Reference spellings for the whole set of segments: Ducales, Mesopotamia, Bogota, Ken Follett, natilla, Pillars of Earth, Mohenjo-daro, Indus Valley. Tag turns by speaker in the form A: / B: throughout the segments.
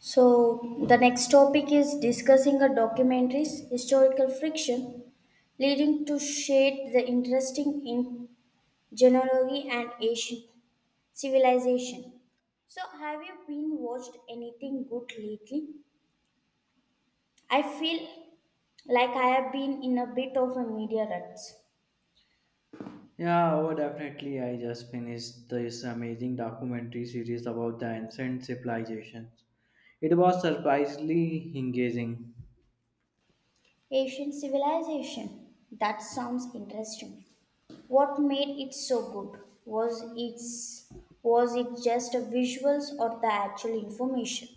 A: So, the next topic is discussing a documentary's historical friction leading to shade the interesting in genealogy and Asian civilization. So, have you been watched anything good lately? I feel like I have been in a bit of a media rut.
B: Yeah, oh, definitely. I just finished this amazing documentary series about the ancient civilizations. It was surprisingly engaging.
A: Asian civilization. That sounds interesting. What made it so good? Was it just a visuals or the actual information?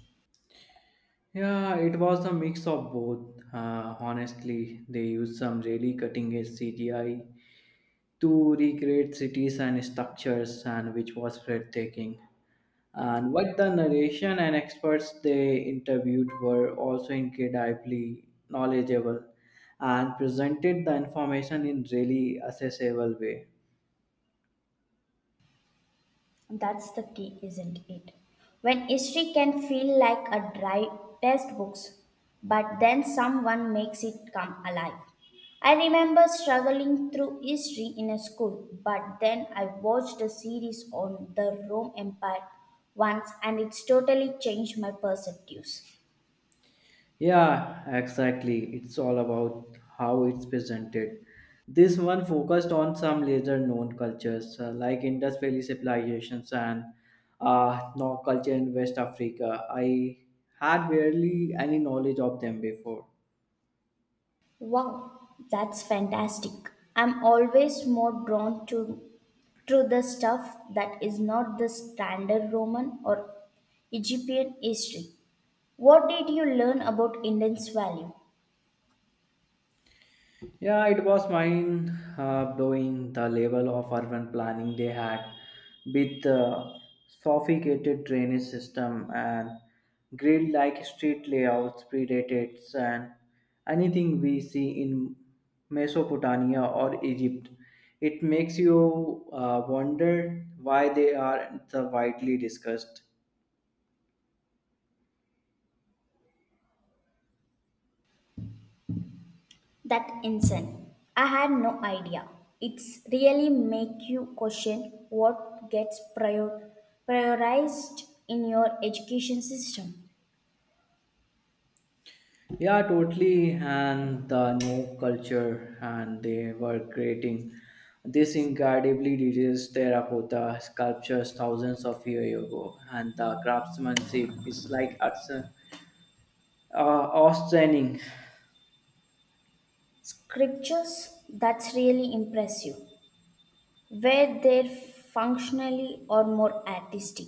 B: Yeah, it was a mix of both. Honestly, they used some really cutting edge CGI to recreate cities and structures, and which was breathtaking. And what the narration and experts they interviewed were also incredibly knowledgeable and presented the information in really accessible way.
A: That's the key, isn't it? When history can feel like a dry textbooks, but then someone makes it come alive. I remember struggling through history in a school, but then I watched a series on the Rome Empire once and it's totally changed my perspectives.
B: Yeah, exactly. It's all about how it's presented. This one focused on some lesser known cultures like Indus Valley civilizations and no culture in West Africa. I had barely any knowledge of them before.
A: Wow, that's fantastic. I'm always more drawn to the stuff that is not the standard Roman or Egyptian history. What did you learn about Indian's value?
B: Yeah, it was mind blowing the level of urban planning they had with the sophisticated drainage system and grid like street layouts, predated and anything we see in Mesopotamia or Egypt. It makes you wonder why they are the widely discussed.
A: That incense. I had no idea. It's really make you question what gets prioritized in your education system.
B: Yeah, totally. And the no culture, and they were creating this incredibly detailed terracotta sculptures thousands of years ago. And the craftsmanship is like outstanding.
A: Scriptures, that's really impressive. Where they're functionally or more artistic.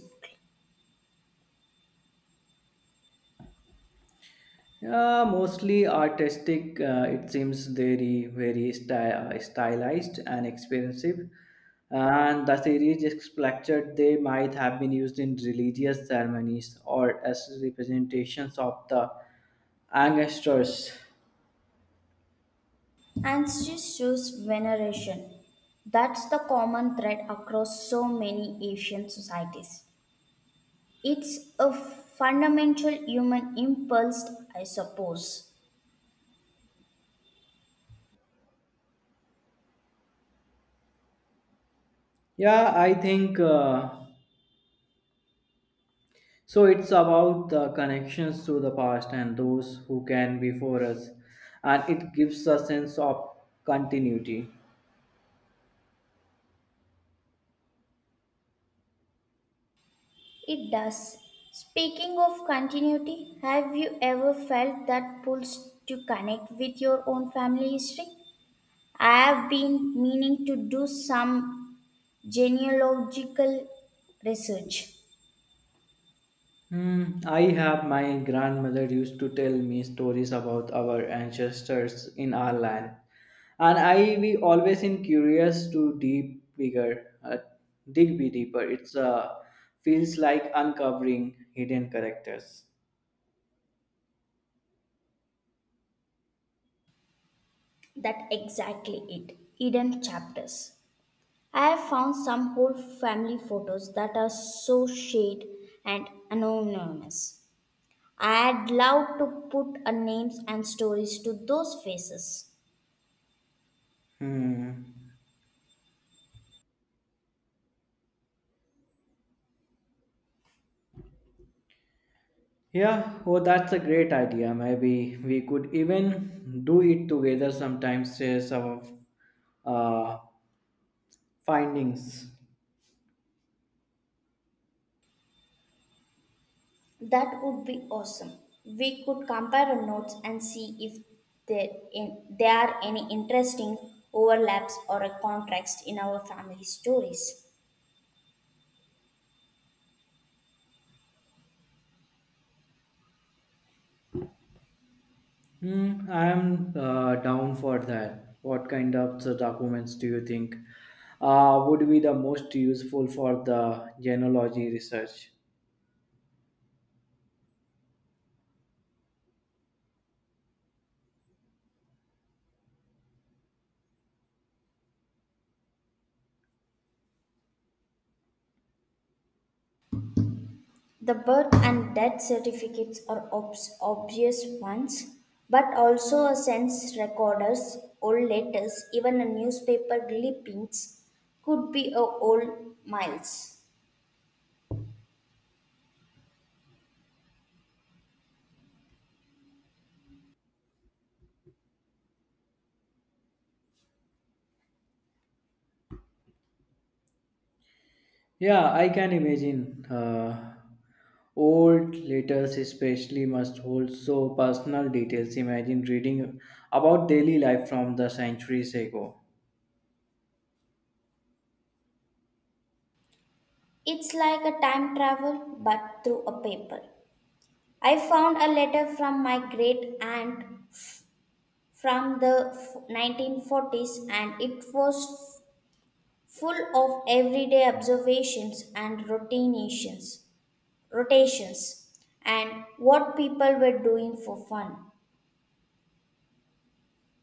B: Yeah, mostly artistic. It seems very, very stylized and expensive. And the series expected they might have been used in religious ceremonies or as representations of the ancestors.
A: And she shows veneration. That's the common thread across so many Asian societies. It's a fundamental human impulse, I suppose.
B: Yeah, I think so. It's about the connections to the past and those who can before us, and it gives a sense of continuity.
A: It does. Speaking of continuity, have you ever felt that pulse to connect with your own family history? I have been meaning to do some genealogical research.
B: Hmm, I have my grandmother used to tell me stories about our ancestors in our land, and I we always in curious to deep bigger, dig be deeper. It's feels like uncovering hidden characters.
A: That exactly it. Hidden chapters. I have found some whole family photos that are so shade and anonymous. I'd love to put a names and stories to those faces.
B: Hmm. Yeah, oh, that's a great idea. Maybe we could even do it together sometimes. Share some of uh, findings.
A: That would be awesome. We could compare our notes and see if there are any interesting overlaps or a contrast in our family stories.
B: Hmm, I am down for that. What kind of the documents do you think would be the most useful for the genealogy research?
A: The birth and death certificates are obvious ones, but also a census recorder's old letters, even a newspaper clippings, could be a old miles.
B: Yeah, I can imagine. Old letters, especially, must hold so personal details. Imagine reading about daily life from the centuries ago.
A: It's like a time travel, but through a paper. I found a letter from my great aunt from the 1940s, and it was full of everyday observations and routinations. Rotations and what people were doing for fun.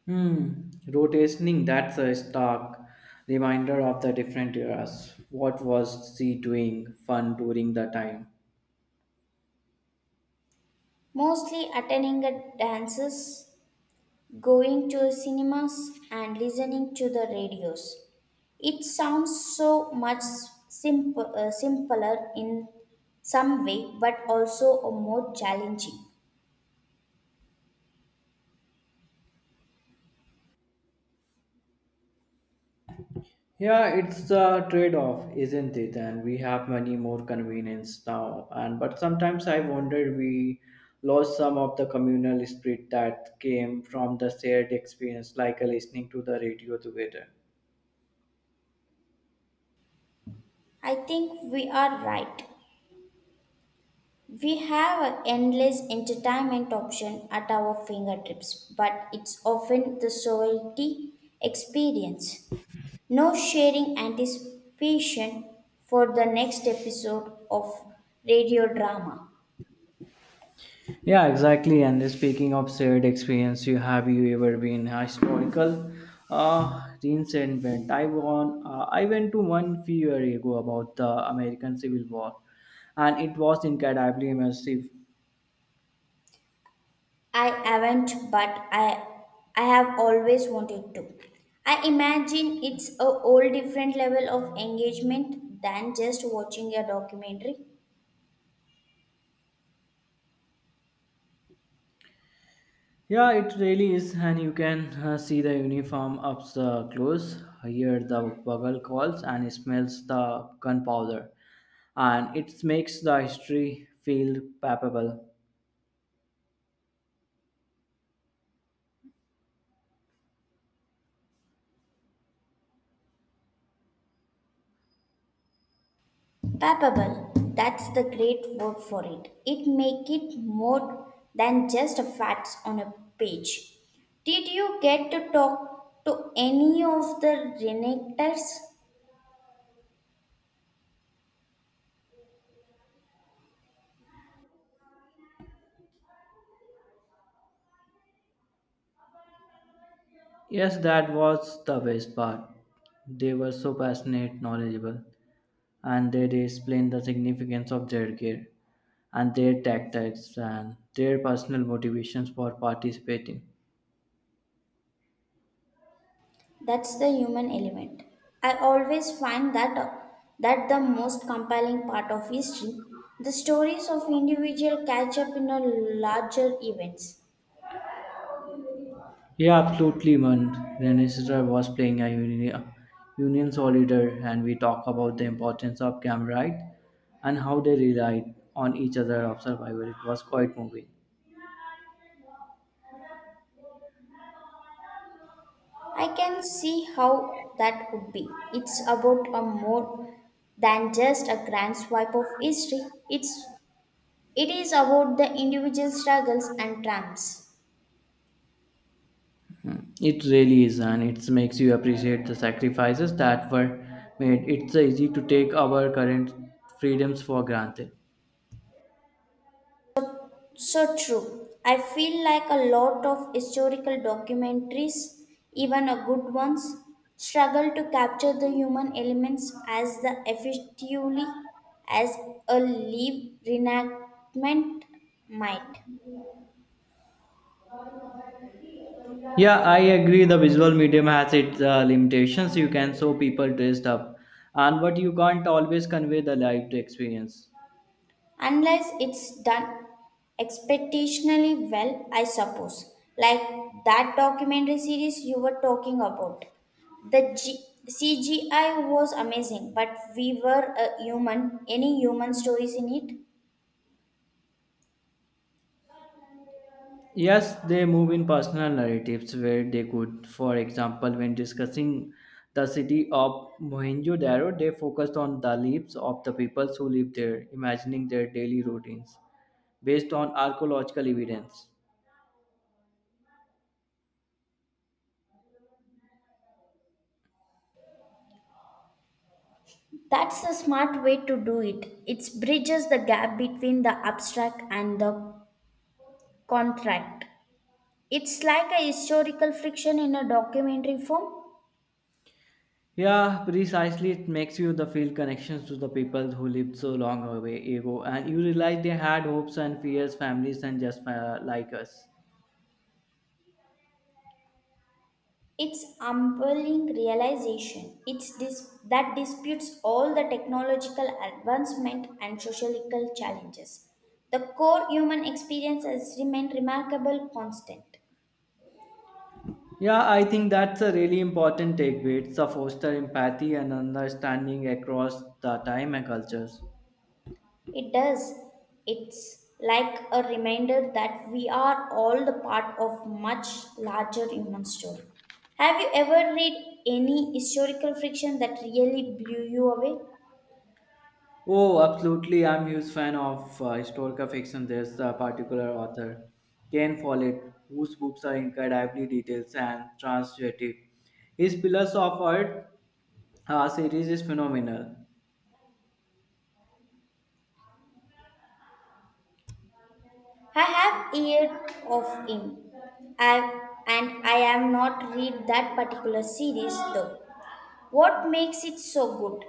B: Hmm, rotationing, that's a stark reminder of the different eras. What was she doing fun during the time?
A: Mostly attending at dances, going to cinemas, and listening to the radios. It sounds so much simpler in some way, but also a more challenging.
B: Yeah, it's a trade-off, isn't it? And we have many more convenience now. And but sometimes I wondered we lost some of the communal spirit that came from the shared experience, like listening to the radio together.
A: I think we are right. We have an endless entertainment option at our fingertips, but it's often the solitary experience. No sharing anticipation for the next episode of radio drama.
B: Yeah, exactly. And speaking of shared experience, you have you ever been a historical reenactment? I won. I went to one few years ago about the American Civil War, and it was incredibly immersive.
A: I haven't, but I have always wanted to. I imagine it's a whole different level of engagement than just watching a documentary.
B: Yeah, it really is, and you can see the uniform up the close, hear the bugle calls, and smells the gunpowder, and it makes the history feel palpable.
A: Palpable, that's the great word for it. It make it more than just facts on a page. Did you get to talk to any of the reenactors?
B: Yes, that was the best part. They were so passionate, knowledgeable, and they explained the significance of their gear and their tactics and their personal motivations for participating.
A: That's the human element. I always find that the most compelling part of history, the stories of individual catch up in a larger events.
B: Yeah, absolutely, man. Renesra was playing a union soldier, and we talk about the importance of camaraderie and how they relied on each other of survival. It was quite moving.
A: I can see how that would be. It's about a more than just a grand swipe of history. It is about the individual struggles and triumphs.
B: Hmm. It really is, and it makes you appreciate the sacrifices that were made. It's easy to take our current freedoms for granted.
A: So true. I feel like a lot of historical documentaries, even a good ones, struggle to capture the human elements as the effectively as a live reenactment might.
B: Yeah, I agree. The visual medium has its limitations. You can show people dressed up, and but you can't always convey the lived experience.
A: Unless it's done expectationally well, I suppose. Like that documentary series you were talking about. The CGI was amazing, but we were a human. Any human stories in it?
B: Yes, they move in personal narratives where they could. For example, when discussing the city of Mohenjo-daro, they focused on the lives of the people who lived there, imagining their daily routines based on archaeological evidence.
A: That's a smart way to do it. It bridges the gap between the abstract and the contract. It's like a historical fiction in a documentary form.
B: Yeah, precisely. It makes you the feel connections to the people who lived so long away ago, and you realize they had hopes and fears, families, and just like us.
A: It's humbling realization. That disputes all the technological advancement and sociological challenges. The core human experience has remained remarkable constant.
B: Yeah, I think that's a really important takeaway. It's a foster empathy and understanding across the time and cultures.
A: It does. It's like a reminder that we are all the part of much larger human story. Have you ever read any historical fiction that really blew you away?
B: Oh, absolutely. I'm huge fan of historical fiction. There's a particular author, Ken Follett, whose books are incredibly detailed and translative. His Pillars of Earth series is phenomenal.
A: I have heard of him. I am not read that particular series though. What makes it so good?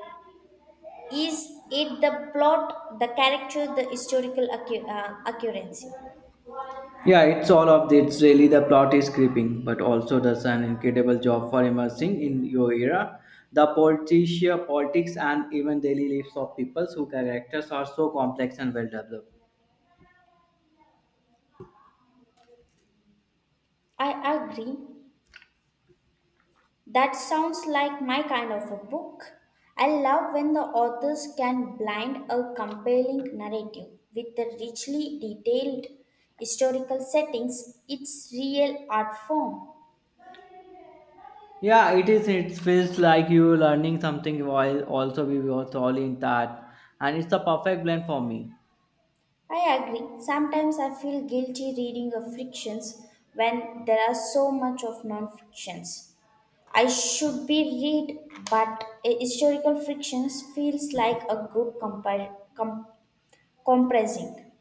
A: Is it the plot, the character, the historical accuracy?
B: Yeah, it's all of the, it's really the plot is creeping, but also does an incredible job for immersing in your era, the political politics, and even daily lives of people whose characters are so complex and well developed.
A: I agree. That sounds like my kind of a book. I love when the authors can blend a compelling narrative with the richly detailed historical settings. It's real art form.
B: Yeah, it is. It feels like you're learning something while also we were thoroughly in that, and it's the perfect blend for me.
A: I agree. Sometimes I feel guilty reading of frictions when there are so much of non-fictions. I should be read, but a historical frictions feels like a good compressing.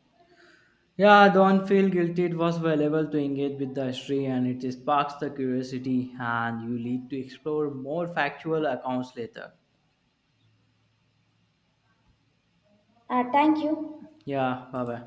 B: Yeah, don't feel guilty. It was valuable to engage with the history, and it sparks the curiosity, and you lead to explore more factual accounts later.
A: Thank you.
B: Yeah, bye bye.